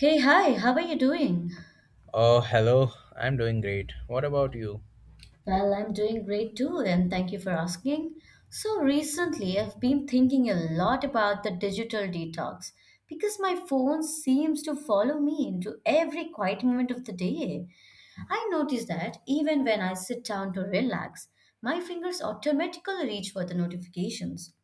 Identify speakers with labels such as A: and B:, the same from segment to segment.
A: Hey, hi, how are you doing?
B: Oh, hello. I'm doing great. What about you?
A: Well, I'm doing great too, and thank you for asking. So, recently I've been thinking a lot about the digital detox because my phone seems to follow me into every quiet moment of the day. I notice that even when I sit down to relax, my fingers automatically reach for the notifications.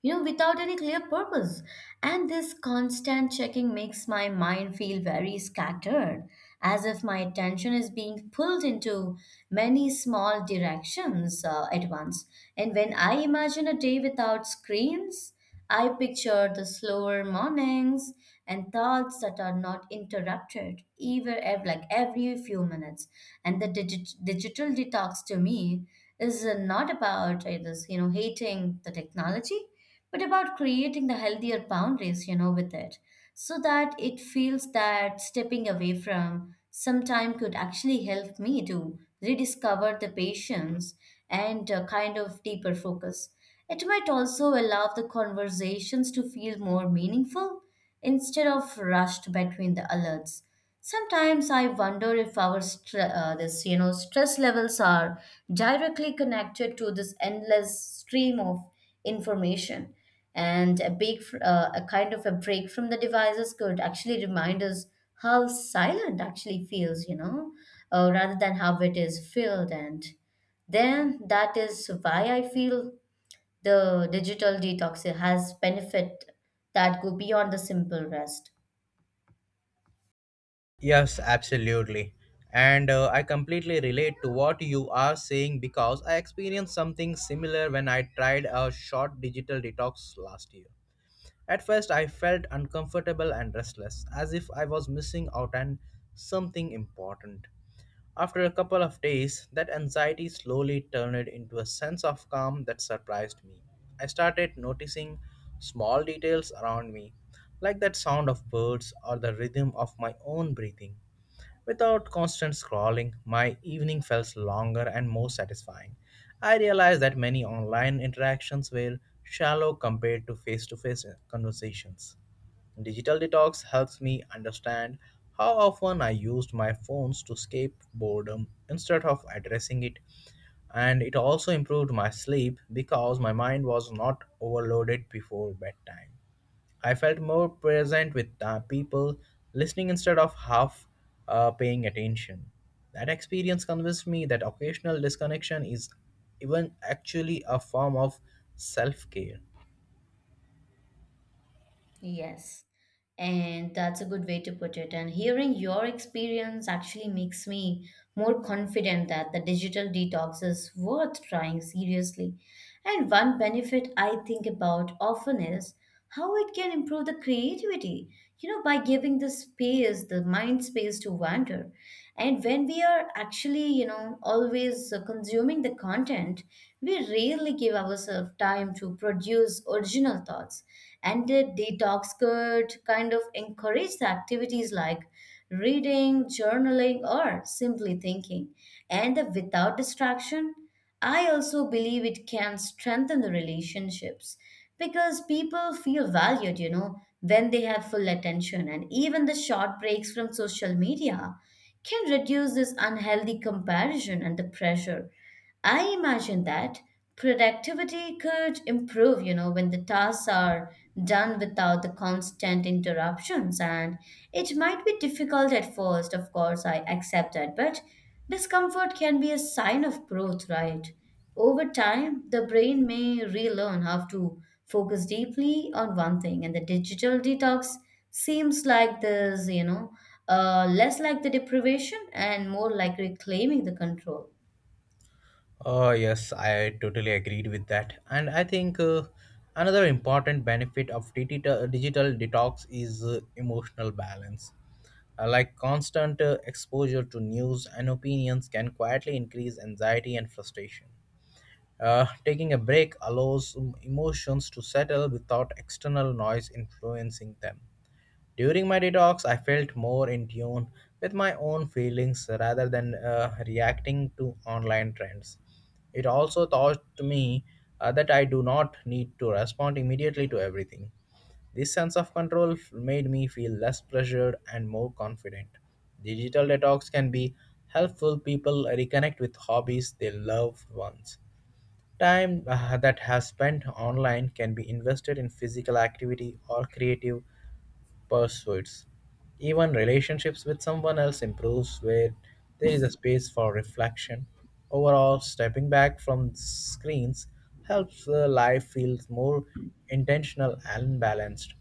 A: you know, without any clear purpose. And this constant checking makes my mind feel very scattered, as if my attention is being pulled into many small directions at once. And when I imagine a day without screens, I picture the slower mornings and thoughts that are not interrupted like every few minutes, and the digital detox to me is not about this hating the technology, but about creating the healthier boundaries, with it, so that it feels that stepping away from some time could actually help me to rediscover the patience and a kind of deeper focus. It might also allow the conversations to feel more meaningful instead of rushed between the alerts. Sometimes I wonder if our str this you know stress levels are directly connected to this endless stream of information, and a kind of a break from the devices could actually remind us how silent actually feels, rather than how it is filled. And then that is why I feel the digital detox has benefit that go beyond the simple rest.
B: Yes, absolutely. And I completely relate to what you are saying because I experienced something similar when I tried a short digital detox last year. At first, I felt uncomfortable and restless, as if I was missing out on something important. After a couple of days, that anxiety slowly turned into a sense of calm that surprised me. I started noticing small details around me, like that sound of birds or the rhythm of my own breathing. Without constant scrolling, my evening felt longer and more satisfying. I realized that many online interactions were shallow compared to face conversations. Digital detox helps me understand how often I used my phones to escape boredom instead of addressing it, and it also improved my sleep because my mind was not overloaded before bedtime. I felt more present with the people, listening instead of half paying attention. That experience convinced me that occasional disconnection is even actually a form of self care.
A: Yes. And that's a good way to put it. And hearing your experience actually makes me more confident that the digital detox is worth trying seriously. And one benefit I think about often is how it can improve the creativity, by giving the space, the mind space to wander. And when we are actually, always consuming the content, we rarely give ourselves time to produce original thoughts. And the detox could kind of encourage the activities like reading, journaling, or simply thinking. And the without distraction, I also believe it can strengthen the relationships because people feel valued, when they have full attention. And even the short breaks from social media can reduce this unhealthy comparison and the pressure. I imagine that productivity could improve, when the tasks are done without the constant interruptions. And it might be difficult at first, of course, I accept that, but discomfort can be a sign of growth, right? Over time, the brain may relearn how to focus deeply on one thing, and the digital detox seems like this, less like the deprivation and more like reclaiming the control.
B: Oh, yes, I totally agreed with that. And I think another important benefit of digital detox is emotional balance. Like constant exposure to news and opinions can quietly increase anxiety and frustration. Taking a break allows emotions to settle without external noise influencing them. During my detox, I felt more in tune with my own feelings rather than reacting to online trends. It also taught me that I do not need to respond immediately to everything. This sense of control made me feel less pressured and more confident. Digital detox can be helpful people reconnect with hobbies they love once. Time that has spent online can be invested in physical activity or creative pursuits. Even relationships with someone else improves where there is a space for reflection. Overall, stepping back from screens helps life feels more intentional and balanced.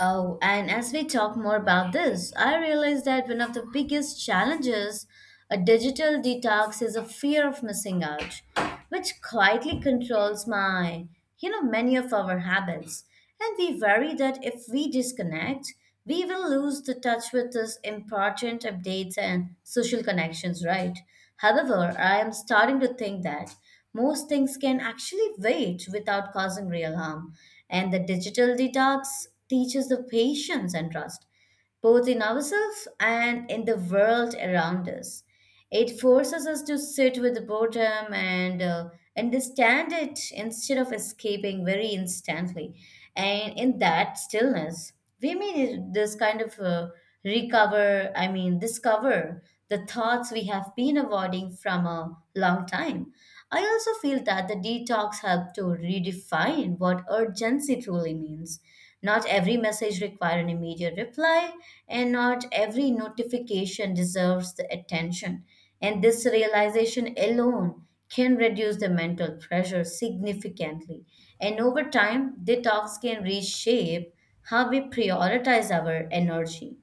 A: Oh, and as we talk more about this, I realize that one of the biggest challenges a digital detox is a fear of missing out, which quietly controls my, many of our habits. And we worry that if we disconnect, we will lose the touch with these important updates and social connections, right? However, I am starting to think that most things can actually wait without causing real harm. And the digital detox teaches the patience and trust, both in ourselves and in the world around us. It forces us to sit with the boredom and understand it instead of escaping very instantly. And in that stillness, we may this kind of recover, I mean, discover the thoughts we have been avoiding from a long time. I also feel that the detox helped to redefine what urgency truly means. Not every message requires an immediate reply, and not every notification deserves the attention, and this realization alone can reduce the mental pressure significantly. And over time, detox can reshape how we prioritize our energy.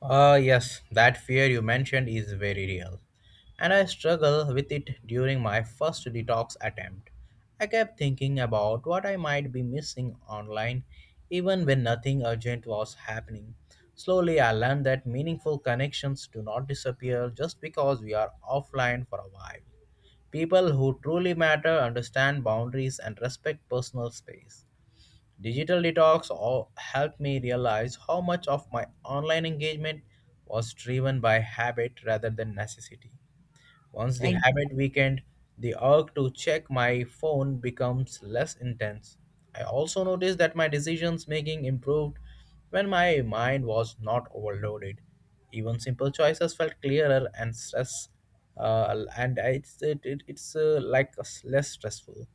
B: Ah, yes, that fear you mentioned is very real. And I struggled with it during my first detox attempt. I kept thinking about what I might be missing online, even when nothing urgent was happening. Slowly, I learned that meaningful connections do not disappear just because we are offline for a while. People who truly matter understand boundaries and respect personal space. Digital detox all helped me realize how much of my online engagement was driven by habit rather than necessity. Once the
A: Right.
B: habit weakened, the urge to check my phone becomes less intense. I also noticed that my decisions making improved when my mind was not overloaded. Even simple choices felt clearer and stress, and I- it's it, it, it's like less stressful.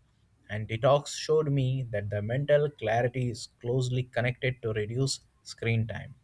B: And detox showed me that the mental clarity is closely connected to reduce screen time.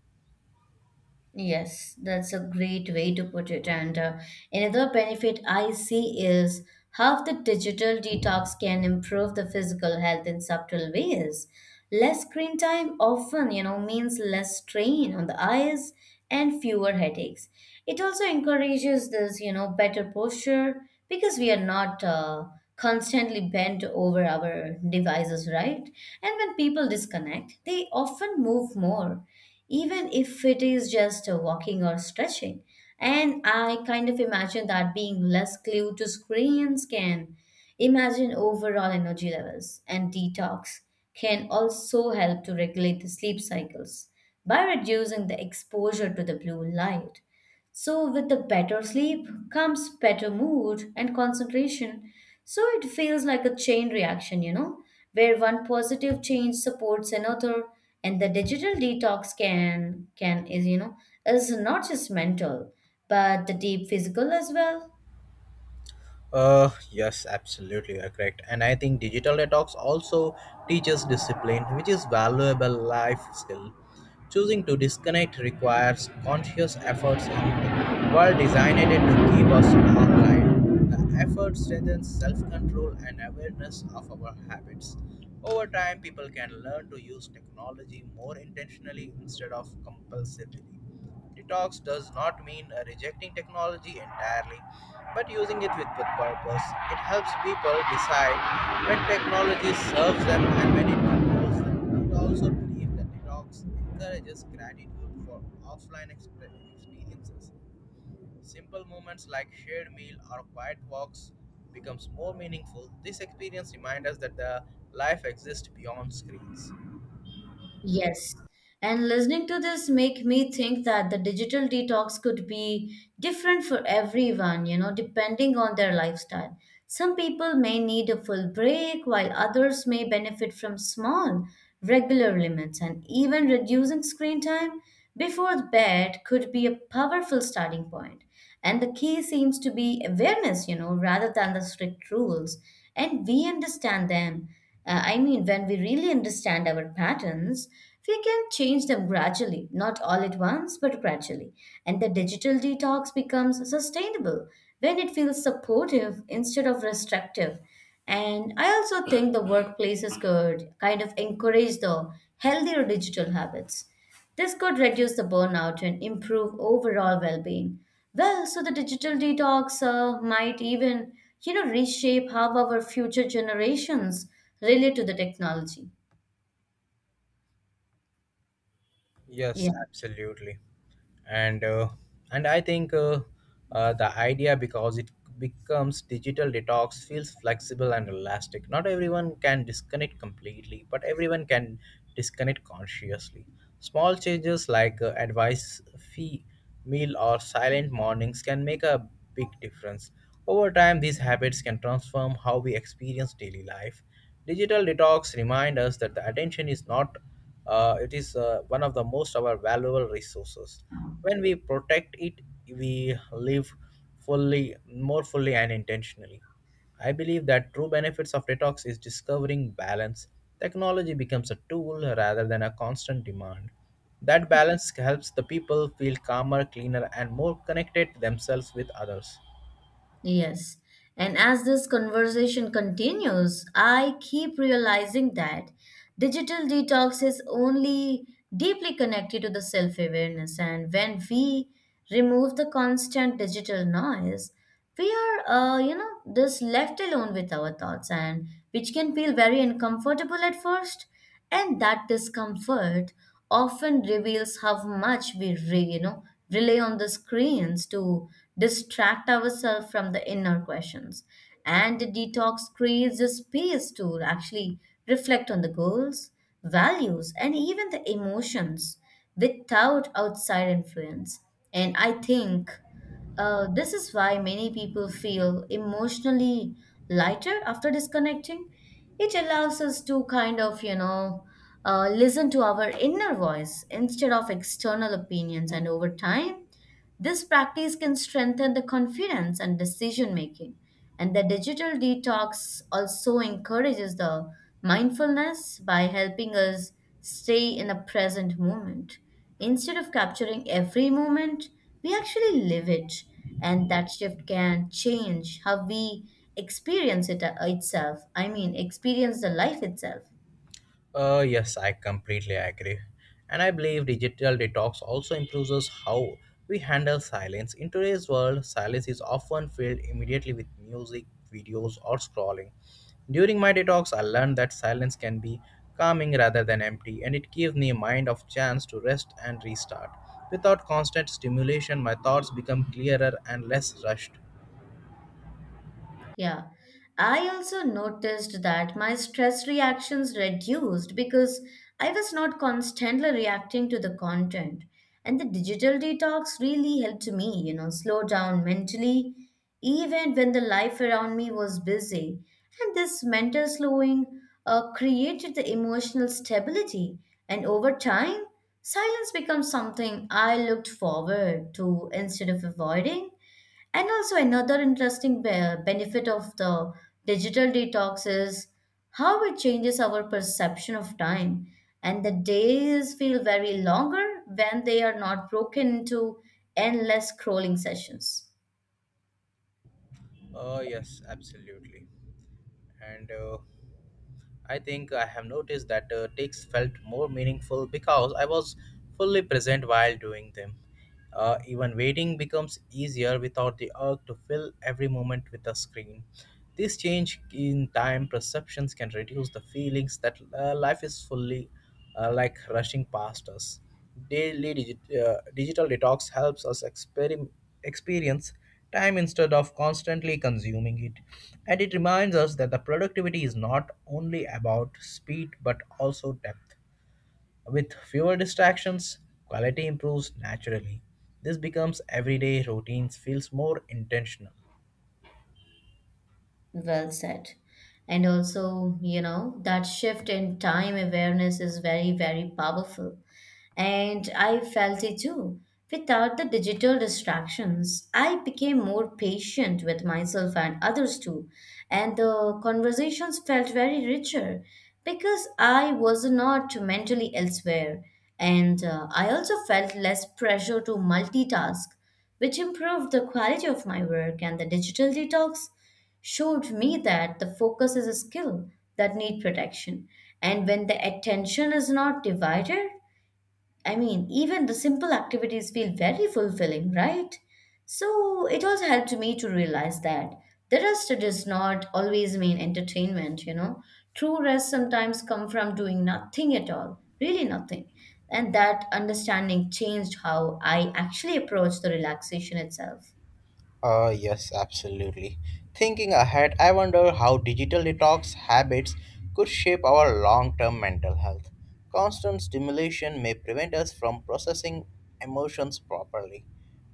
A: Yes, that's a great way to put it. And another benefit I see is how the digital detox can improve the physical health in subtle ways. Less screen time often, means less strain on the eyes and fewer headaches. It also encourages this, better posture because we are not constantly bent over our devices, right? And when people disconnect, they often move more, even if it is just walking or stretching. And I kind of imagine that being less glued to screens can imagine overall energy levels, and detox can also help to regulate the sleep cycles by reducing the exposure to the blue light. So, with the better sleep comes better mood and concentration. So, it feels like a chain reaction, where one positive change supports another, and the digital detox can is you know is not just mental, but the deep physical as well.
B: Yes, absolutely, you are correct. And I think digital detox also teaches discipline, which is valuable life skill. Choosing to disconnect requires conscious efforts in while designed to keep us online. The effort strengthens self-control and awareness of our habits. Over time, people can learn to use technology more intentionally instead of compulsively. Detox does not mean rejecting technology entirely but using it with good purpose. It helps people decide when technology serves them and when it controls them. It also believes that detox encourages gratitude for offline experiences. Simple moments like shared meal or quiet walks becomes more meaningful. This experience reminds us that the life exists beyond screens.
A: Yes. And listening to this make me think that the digital detox could be different for everyone, depending on their lifestyle. Some people may need a full break while others may benefit from small, regular limits, and even reducing screen time before bed could be a powerful starting point. And the key seems to be awareness, rather than the strict rules. And we understand them. I mean, when we really understand our patterns, we can change them gradually, not all at once, but gradually. And the digital detox becomes sustainable when it feels supportive instead of restrictive. And I also think the workplaces could kind of encourage the healthier digital habits. This could reduce the burnout and improve overall well-being. Well, so the digital detox might even, reshape how our future generations relate to the technology.
B: Yes,
A: Yeah.
B: absolutely. and uh, and I think the idea because it becomes digital detox feels flexible and elastic, not everyone can disconnect completely but everyone can disconnect consciously. Small changes like advice fee meal or silent mornings can make a big difference. Over time these habits can transform how we experience daily life. Digital detox remind us that the attention is not it is one of the most our valuable resources. When we protect it, we live fully, more fully and intentionally. I believe that true benefits of detox is discovering balance. Technology becomes a tool rather than a constant demand. That balance helps the people feel calmer, cleaner, and more connected to themselves with others.
A: Yes. And as this conversation continues, I keep realizing that digital detox is only deeply connected to the self awareness. And when we remove the constant digital noise, we are, just left alone with our thoughts, and which can feel very uncomfortable at first, and that discomfort often reveals how much we re, you know rely on the screens to distract ourselves from the inner questions. And the detox creates a space to actually reflect on the goals, values, and even the emotions without outside influence. And I think, this is why many people feel emotionally lighter after disconnecting. It allows us to kind of, listen to our inner voice instead of external opinions. And over time, this practice can strengthen the confidence and decision making. And the digital detox also encourages the mindfulness by helping us stay in the present moment. Instead of capturing every moment, we actually live it, and that shift can change how we experience it itself. I mean, experience the life itself.
B: Yes, I completely agree. And I believe digital detox also improves us how we handle silence. In today's world, silence is often filled immediately with music, videos, or scrolling. During my detox, I learned that silence can be calming rather than empty, and it gives me a mind of chance to rest and restart. Without constant stimulation, my thoughts become clearer and less rushed.
A: Yeah. I also noticed that my stress reactions reduced because I was not constantly reacting to the content. And the digital detox really helped me, slow down mentally, even when the life around me was busy. And this mental slowing created the emotional stability. And over time, silence becomes something I looked forward to instead of avoiding. And also, another interesting benefit of the digital detox is how it changes our perception of time. And the days feel very longer when they are not broken into endless scrolling sessions.
B: Yes, absolutely. And I think I have noticed that takes felt more meaningful because I was fully present while doing them. Even waiting becomes easier without the urge to fill every moment with a screen. This change in time perceptions can reduce the feelings that life is fully like rushing past us. Daily digital detox helps us experience time instead of constantly consuming it. And it reminds us that the productivity is not only about speed but also depth. With fewer distractions, quality improves naturally. This becomes everyday routines feels more intentional.
A: Well said. And also, that shift in time awareness is very, very powerful, and I felt it too. Without the digital distractions, I became more patient with myself and others too, and the conversations felt very richer because I was not mentally elsewhere, and I also felt less pressure to multitask, which improved the quality of my work. And the digital detox showed me that the focus is a skill that need protection, and when the attention is not divided, I mean, even the simple activities feel very fulfilling, right? So it also helped me to realize that the rest does not always mean entertainment. True rest sometimes come from doing nothing at all, really nothing. And that understanding changed how I actually approach the relaxation itself.
B: Yes, absolutely. Thinking ahead, I wonder how digital detox habits could shape our long term mental health. Constant stimulation may prevent us from processing emotions properly.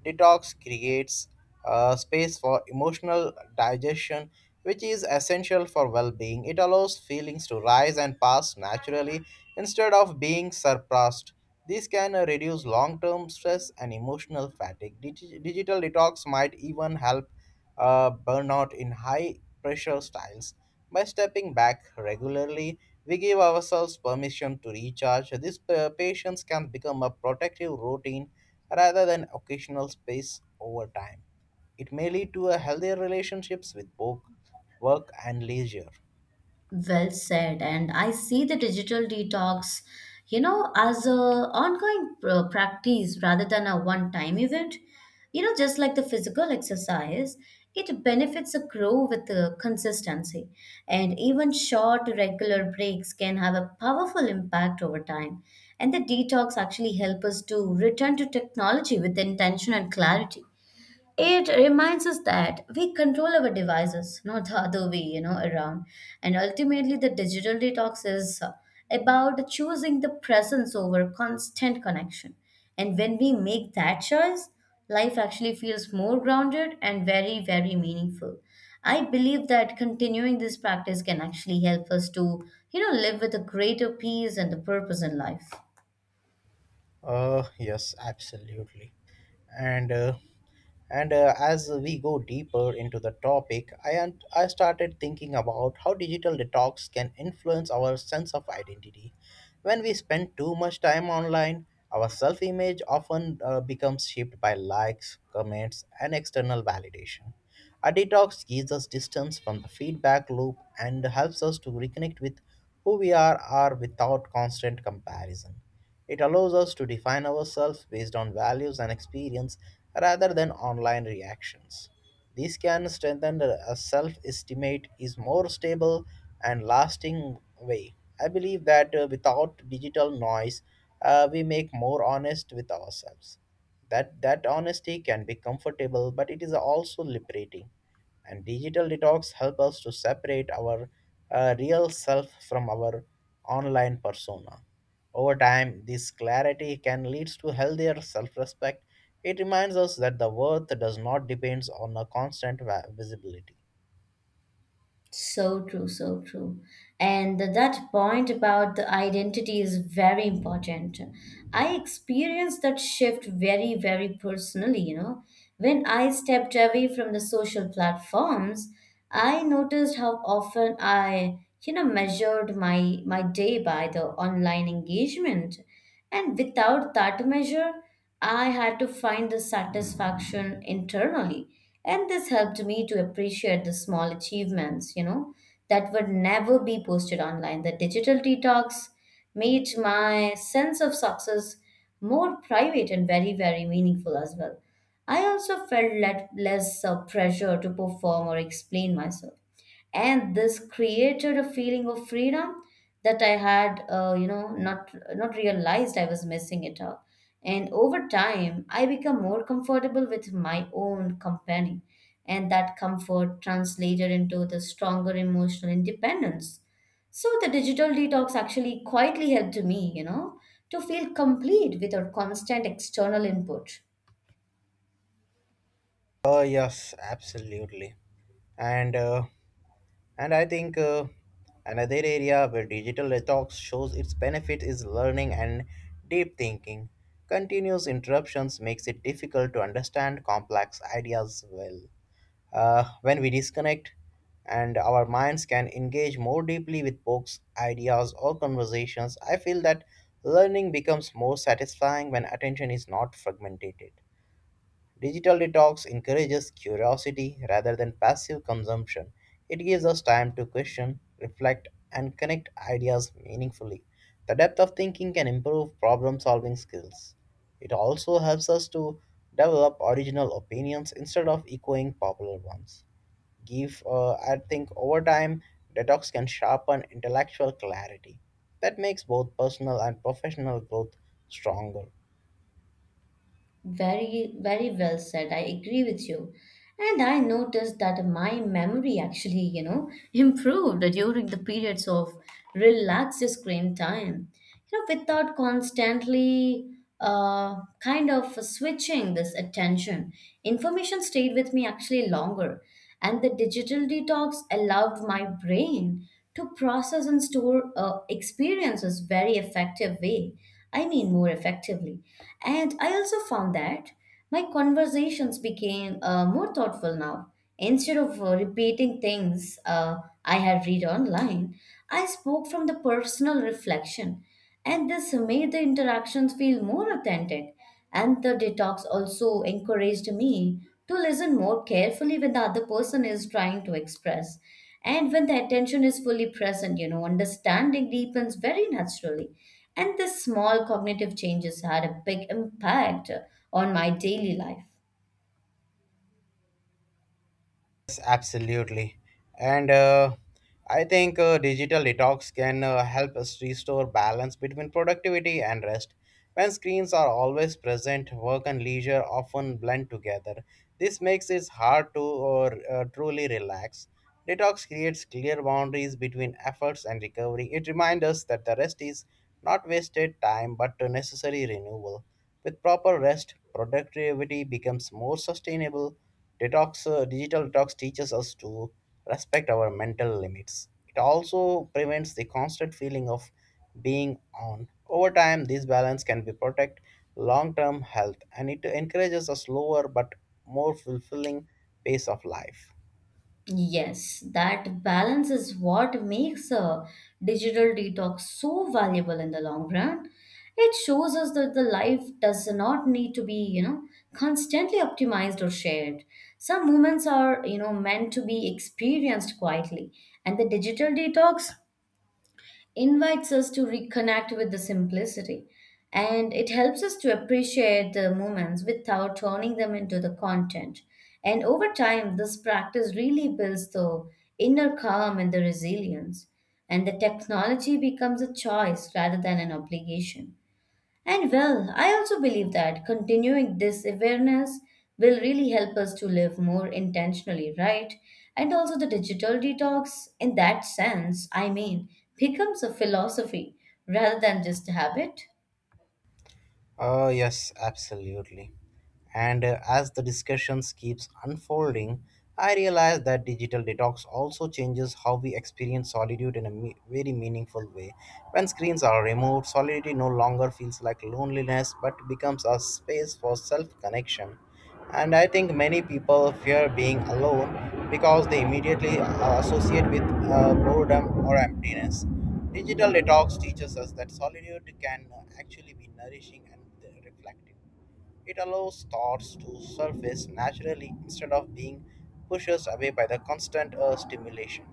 B: Detox creates space for emotional digestion, which is essential for well being. It allows feelings to rise and pass naturally instead of being suppressed. This can reduce long term stress and emotional fatigue. Digital detox might even help burnout in high pressure styles. By stepping back regularly, we give ourselves permission to recharge. This patience can become a protective routine rather than occasional space over time. It may lead to a healthier relationships with both work and leisure.
A: Well said. And I see the digital detox, as a ongoing practice rather than a one-time event. Just like the physical exercise, it benefits a grow with the consistency. And even short regular breaks can have a powerful impact over time. And the detox actually help us to return to technology with intention and clarity. It reminds us that we control our devices, not the other way, around. And ultimately, the digital detox is about choosing the presence over constant connection. And when we make that choice, life actually feels more grounded and very, very meaningful. I believe that continuing this practice can actually help us to, live with a greater peace and the purpose in life.
B: Yes, absolutely. And uh, and as we go deeper into the topic, I started thinking about how digital detox can influence our sense of identity. When we spend too much time online, our self-image often becomes shaped by likes, comments, and external validation. A detox gives us distance from the feedback loop and helps us to reconnect with who we are without constant comparison. It allows us to define ourselves based on values and experience rather than online reactions. This can strengthen a self estimate is more stable and lasting way. I believe that without digital noise, we make more honest with ourselves. That honesty can be comfortable, but it is also liberating. And digital detox help us to separate our real self from our online persona. Over time, this clarity can lead to healthier self respect. It reminds us that the worth does not depend on a constant visibility.
A: So true, so true. And that point about the identity is very important. I experienced that shift very, very personally. When I stepped away from the social platforms, I noticed how often I, measured my day by the online engagement. And without that measure, I had to find the satisfaction internally. And this helped me to appreciate the small achievements, that would never be posted online. The digital detox made my sense of success more private and very, very meaningful as well. I also felt let, less pressure to perform or explain myself, and this created a feeling of freedom that I had not realized I was missing it out. And over time I become more comfortable with my own company, and that comfort translated into the stronger emotional independence. So the digital detox actually quietly helped me to feel complete without constant external input.
B: Oh, yes, absolutely. And uh, and I think another area where digital detox shows its benefit is learning and deep thinking. Continuous interruptions makes it difficult to understand complex ideas well. When we disconnect and our minds can engage more deeply with books, ideas, or conversations, I feel that learning becomes more satisfying when attention is not fragmented. Digital detox encourages curiosity rather than passive consumption. It gives us time to question, reflect, and connect ideas meaningfully. The depth of thinking can improve problem solving skills. It also helps us to develop original opinions instead of echoing popular ones. I think, over time, detox can sharpen intellectual clarity. That makes both personal and professional growth stronger.
A: Very, very well said. I agree with you. And I noticed that my memory actually, improved during the periods of relaxed screen time. You know, without constantly uh, kind of switching this attention, information stayed with me actually longer. And the digital detox allowed my brain to process and store experiences very effective way. I mean, more effectively. And I also found that my conversations became more thoughtful now. Instead of repeating things I had read online, I spoke from the personal reflection, and this made the interactions feel more authentic. And the detox also encouraged me to listen more carefully when the other person is trying to express. And when the attention is fully present, understanding deepens very naturally. And this small cognitive changes had a big impact on my daily life.
B: Yes, absolutely. And I think digital detox can help us restore balance between productivity and rest. When screens are always present, work and leisure often blend together. This makes it hard to truly relax. Detox creates clear boundaries between efforts and recovery. It reminds us that the rest is not wasted time but a necessary renewal. With proper rest, productivity becomes more sustainable. Digital detox teaches us to respect our mental limits. It also prevents the constant feeling of being on. Over time, this balance can be protect long-term health, and it encourages a slower but more fulfilling pace of life.
A: Yes, that balance is what makes a digital detox so valuable in the long run. It shows us that the life does not need to be, constantly optimized or shared. Some moments are, meant to be experienced quietly, and the digital detox invites us to reconnect with the simplicity, and it helps us to appreciate the moments without turning them into the content. And over time, this practice really builds the inner calm and the resilience, and the technology becomes a choice rather than an obligation. And well, I also believe that continuing this awareness will really help us to live more intentionally, right? And also, the digital detox, in that sense, I mean, becomes a philosophy rather than just a habit.
B: Yes, absolutely. And as the discussions keeps unfolding, I realize that digital detox also changes how we experience solitude in a very meaningful way. When screens are removed, solitude no longer feels like loneliness but becomes a space for self-connection. And I think many people fear being alone because they immediately associate with boredom or emptiness. Digital detox teaches us that solitude can actually be nourishing and reflective. It allows thoughts to surface naturally instead of being pushed away by the constant stimulation.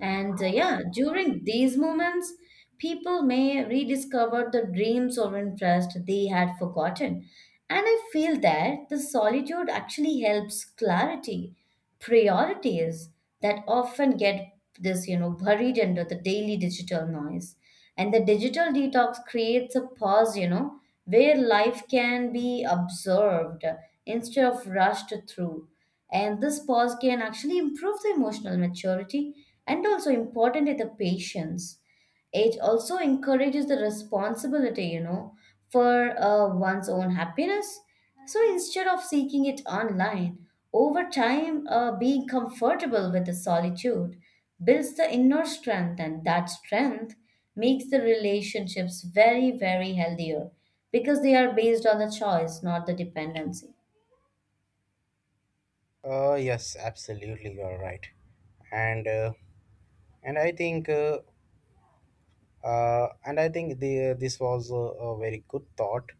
A: And yeah, during these moments, people may rediscover the dreams or interest they had forgotten. And I feel that the solitude actually helps clarity, priorities that often get buried under the daily digital noise. And the digital detox creates a pause, where life can be observed instead of rushed through. And this pause can actually improve the emotional maturity and also importantly the patience. It also encourages the responsibility for one's own happiness. So instead of seeking it online, over time, being comfortable with the solitude builds the inner strength, and that strength makes the relationships very, very healthier because they are based on the choice, not the dependency.
B: Yes, absolutely, you're right. And uh, and I think uh, and I think the, this was a very good thought.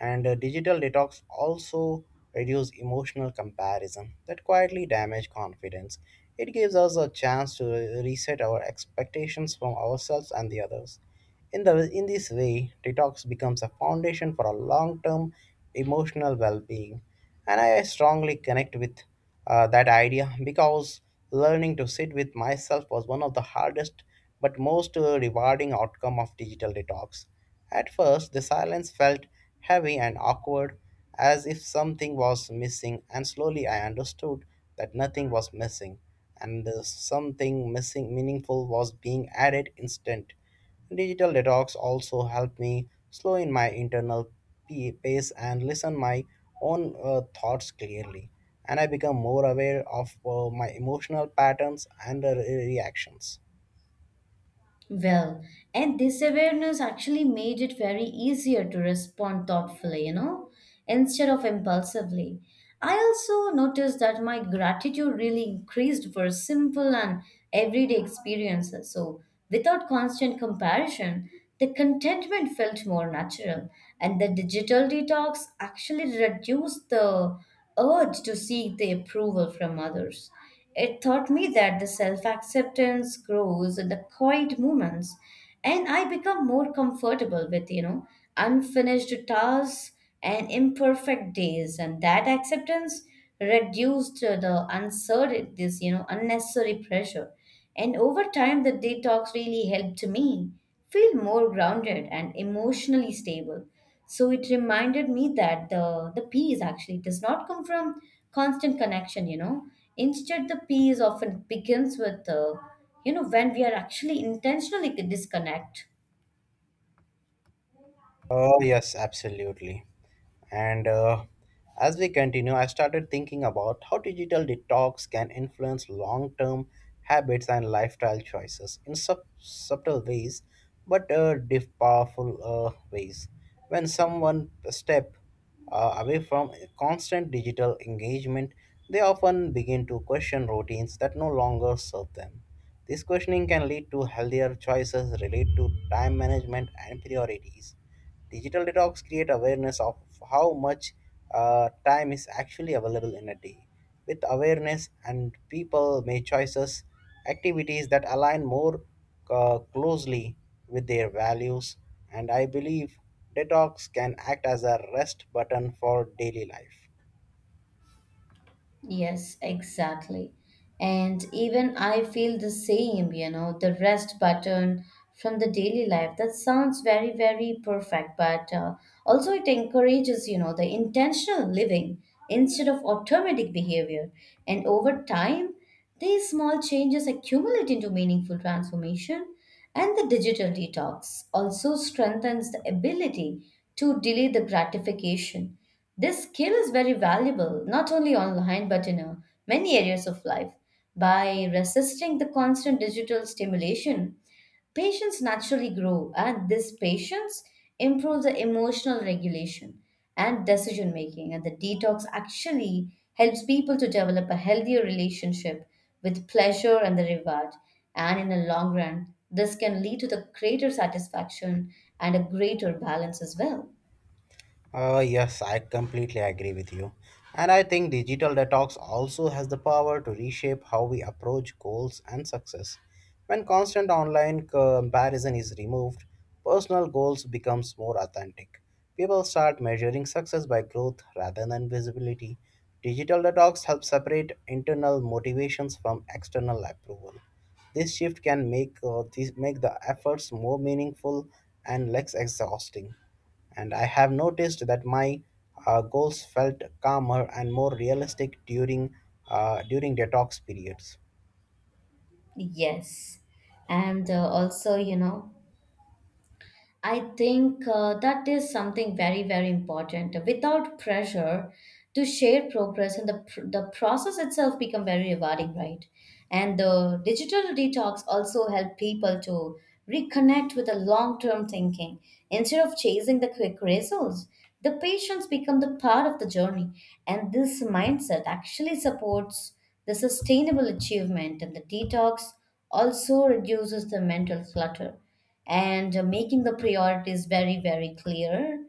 B: And digital detox also reduce emotional comparison that quietly damage confidence. It gives us a chance to reset our expectations from ourselves and the others. In this way, detox becomes a foundation for a long term emotional well being. And I strongly connect with that idea because learning to sit with myself was one of the hardest but most rewarding outcome of digital detox. At first, the silence felt heavy and awkward, as if something was missing, and slowly I understood that nothing was missing, and something missing meaningful was being added instant. Digital detox also helped me slow in my internal pace and listen my own thoughts clearly, and I become more aware of my emotional patterns and reactions.
A: Well, and this awareness actually made it very easier to respond thoughtfully, instead of impulsively. I also noticed that my gratitude really increased for simple and everyday experiences. So, without constant comparison, the contentment felt more natural, and the digital detox actually reduced the urge to seek the approval from others. It taught me that the self acceptance grows in the quiet moments, and I become more comfortable with, unfinished tasks and imperfect days. And that acceptance reduced the uncertain, unnecessary pressure. And over time, the detox really helped me feel more grounded and emotionally stable. So it reminded me that the peace actually does not come from constant connection, you know. Instead, the peace often begins with, when we are actually intentionally disconnect.
B: Oh, yes, absolutely. And As we continue, I started thinking about how digital detox can influence long term habits and lifestyle choices in subtle ways, but powerful ways. When someone step away from constant digital engagement, they often begin to question routines that no longer serve them. This questioning can lead to healthier choices related to time management and priorities. Digital detox create awareness of how much time is actually available in a day. With awareness and people make choices, activities that align more closely with their values, and I believe detox can act as a rest button for daily life.
A: Yes, exactly. And even I feel the same, you know, the rest button from the daily life. That sounds very, very perfect, but also it encourages, the intentional living instead of automatic behavior. And over time, these small changes accumulate into meaningful transformation. And the digital detox also strengthens the ability to delay the gratification. This skill is very valuable, not only online but in many areas of life. By resisting the constant digital stimulation, Patients naturally grow, and this patience improves the emotional regulation and decision making. And the detox actually helps people to develop a healthier relationship with pleasure and the reward. And in the long run, this can lead to the greater satisfaction and a greater balance as well.
B: Yes, I completely agree with you. And I think digital detox also has the power to reshape how we approach goals and success. When constant online comparison is removed, personal goals becomes more authentic. People start measuring success by growth rather than visibility. Digital detox helps separate internal motivations from external approval. This shift can make this make the efforts more meaningful and less exhausting. And I have noticed that my goals felt calmer and more realistic during during detox periods.
A: Yes. And also, I think that is something very, very important. Without pressure to share progress, and the process itself become very rewarding, right? And the digital detox also help people to reconnect with the long term thinking instead of chasing the quick results. The patients become the part of the journey, and this mindset actually supports the sustainable achievement. And the detox also reduces the mental clutter and making the priorities very, very clear.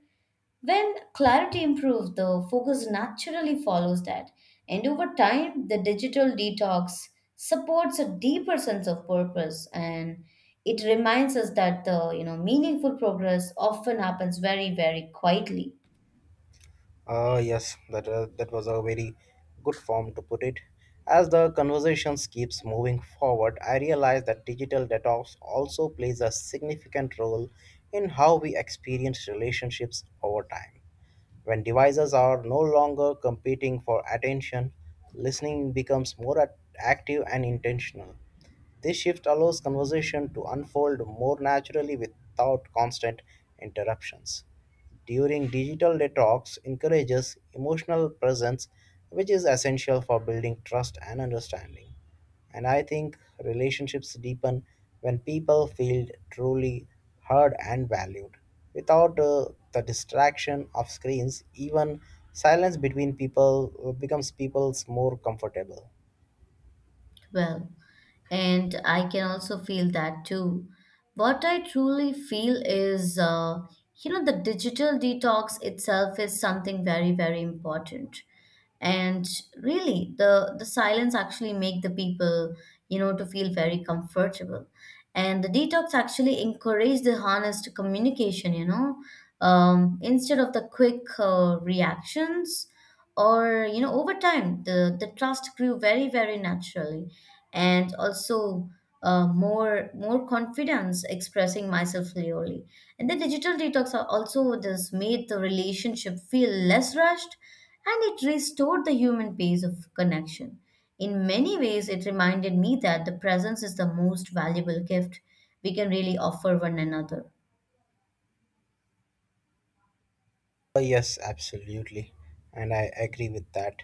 A: When clarity improves, the focus naturally follows that. And over time, the digital detox supports a deeper sense of purpose, and it reminds us that the you know meaningful progress often happens very, very quietly.
B: Ah, yes, that was a very good form to put it. As the conversations keeps moving forward, I realize that digital detox also plays a significant role in how we experience relationships over time. When devices are no longer competing for attention, listening becomes more active and intentional. This shift allows conversation to unfold more naturally without constant interruptions. During digital detox encourages emotional presence which is essential for building trust and understanding. And I think relationships deepen when people feel truly heard and valued. Without the distraction of screens, even silence between people becomes people's more comfortable.
A: Well, and I can also feel that too. What I truly feel is, the digital detox itself is something very, very important. And really, the silence actually make the people, to feel very comfortable. And the detox actually encourage the honest communication, instead of the quick reactions. Or over time the trust grew very, very naturally, and also more confidence expressing myself clearly. And the digital detox are also this made the relationship feel less rushed, and it restored the human pace of connection. In many ways it reminded me that the presence is the most valuable gift we can really offer one another.
B: Yes, absolutely, and I agree with that.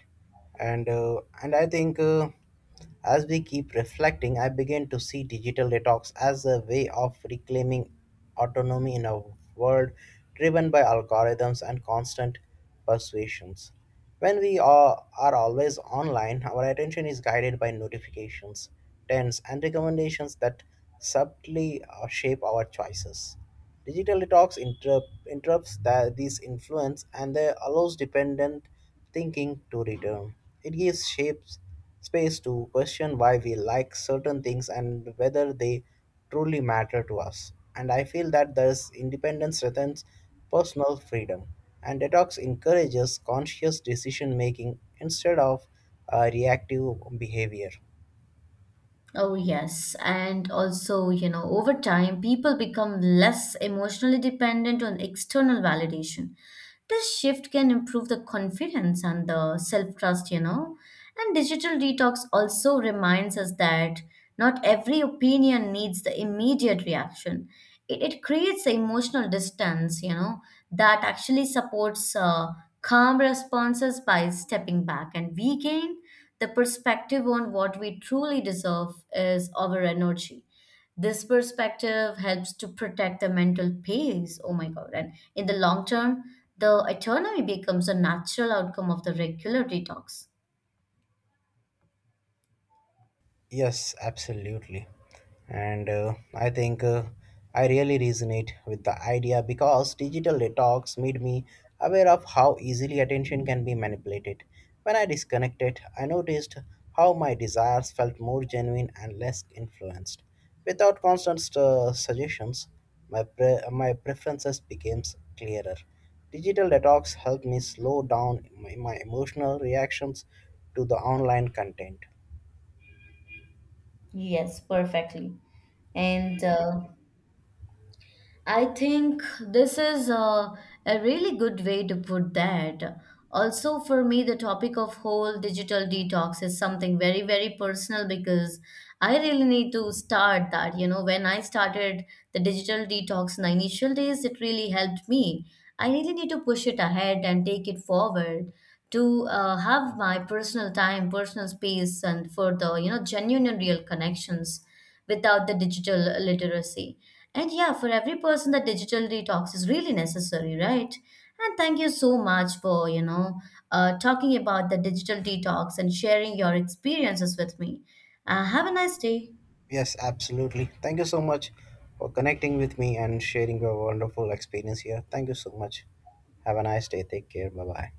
B: And I think As we keep reflecting, I begin to see digital detox as a way of reclaiming autonomy in a world driven by algorithms and constant persuasions. When we are always online, our attention is guided by notifications, trends, and recommendations that subtly shape our choices. Digital detox interrupts that, these influence and they allows dependent thinking to return. It gives shapes space to question why we like certain things and whether they truly matter to us. And I feel that this independence strengthens personal freedom, and detox encourages conscious decision making instead of reactive behavior.
A: Oh, yes. And also, you know, over time, people become less emotionally dependent on external validation. This shift can improve the confidence and the self trust, you know. And digital detox also reminds us that not every opinion needs the immediate reaction. It creates the emotional distance, that actually supports calm responses. By stepping back and we gain the perspective on what we truly deserve is our energy. This perspective helps to protect the mental peace. Oh my God. And in the long term, the autonomy becomes a natural outcome of the regular detox.
B: Yes, absolutely. And I think I really resonate with the idea because digital detox made me aware of how easily attention can be manipulated. When I disconnected, I noticed how my desires felt more genuine and less influenced. Without constant suggestions, my preferences became clearer. Digital detox helped me slow down my emotional reactions to the online content.
A: Yes, perfectly. And I think this is a really good way to put that. Also, for me, the topic of whole digital detox is something very, very personal because I really need to start that. You know, when I started the digital detox in the initial days, it really helped me. I really need to push it ahead and take it forward to have my personal time, personal space, and for the, genuine and real connections without the digital literacy. And yeah, for every person, the digital detox is really necessary, right? And thank you so much for, talking about the digital detox and sharing your experiences with me. Have a nice day.
B: Yes, absolutely. Thank you so much for connecting with me and sharing your wonderful experience here. Thank you so much. Have a nice day. Take care. Bye bye.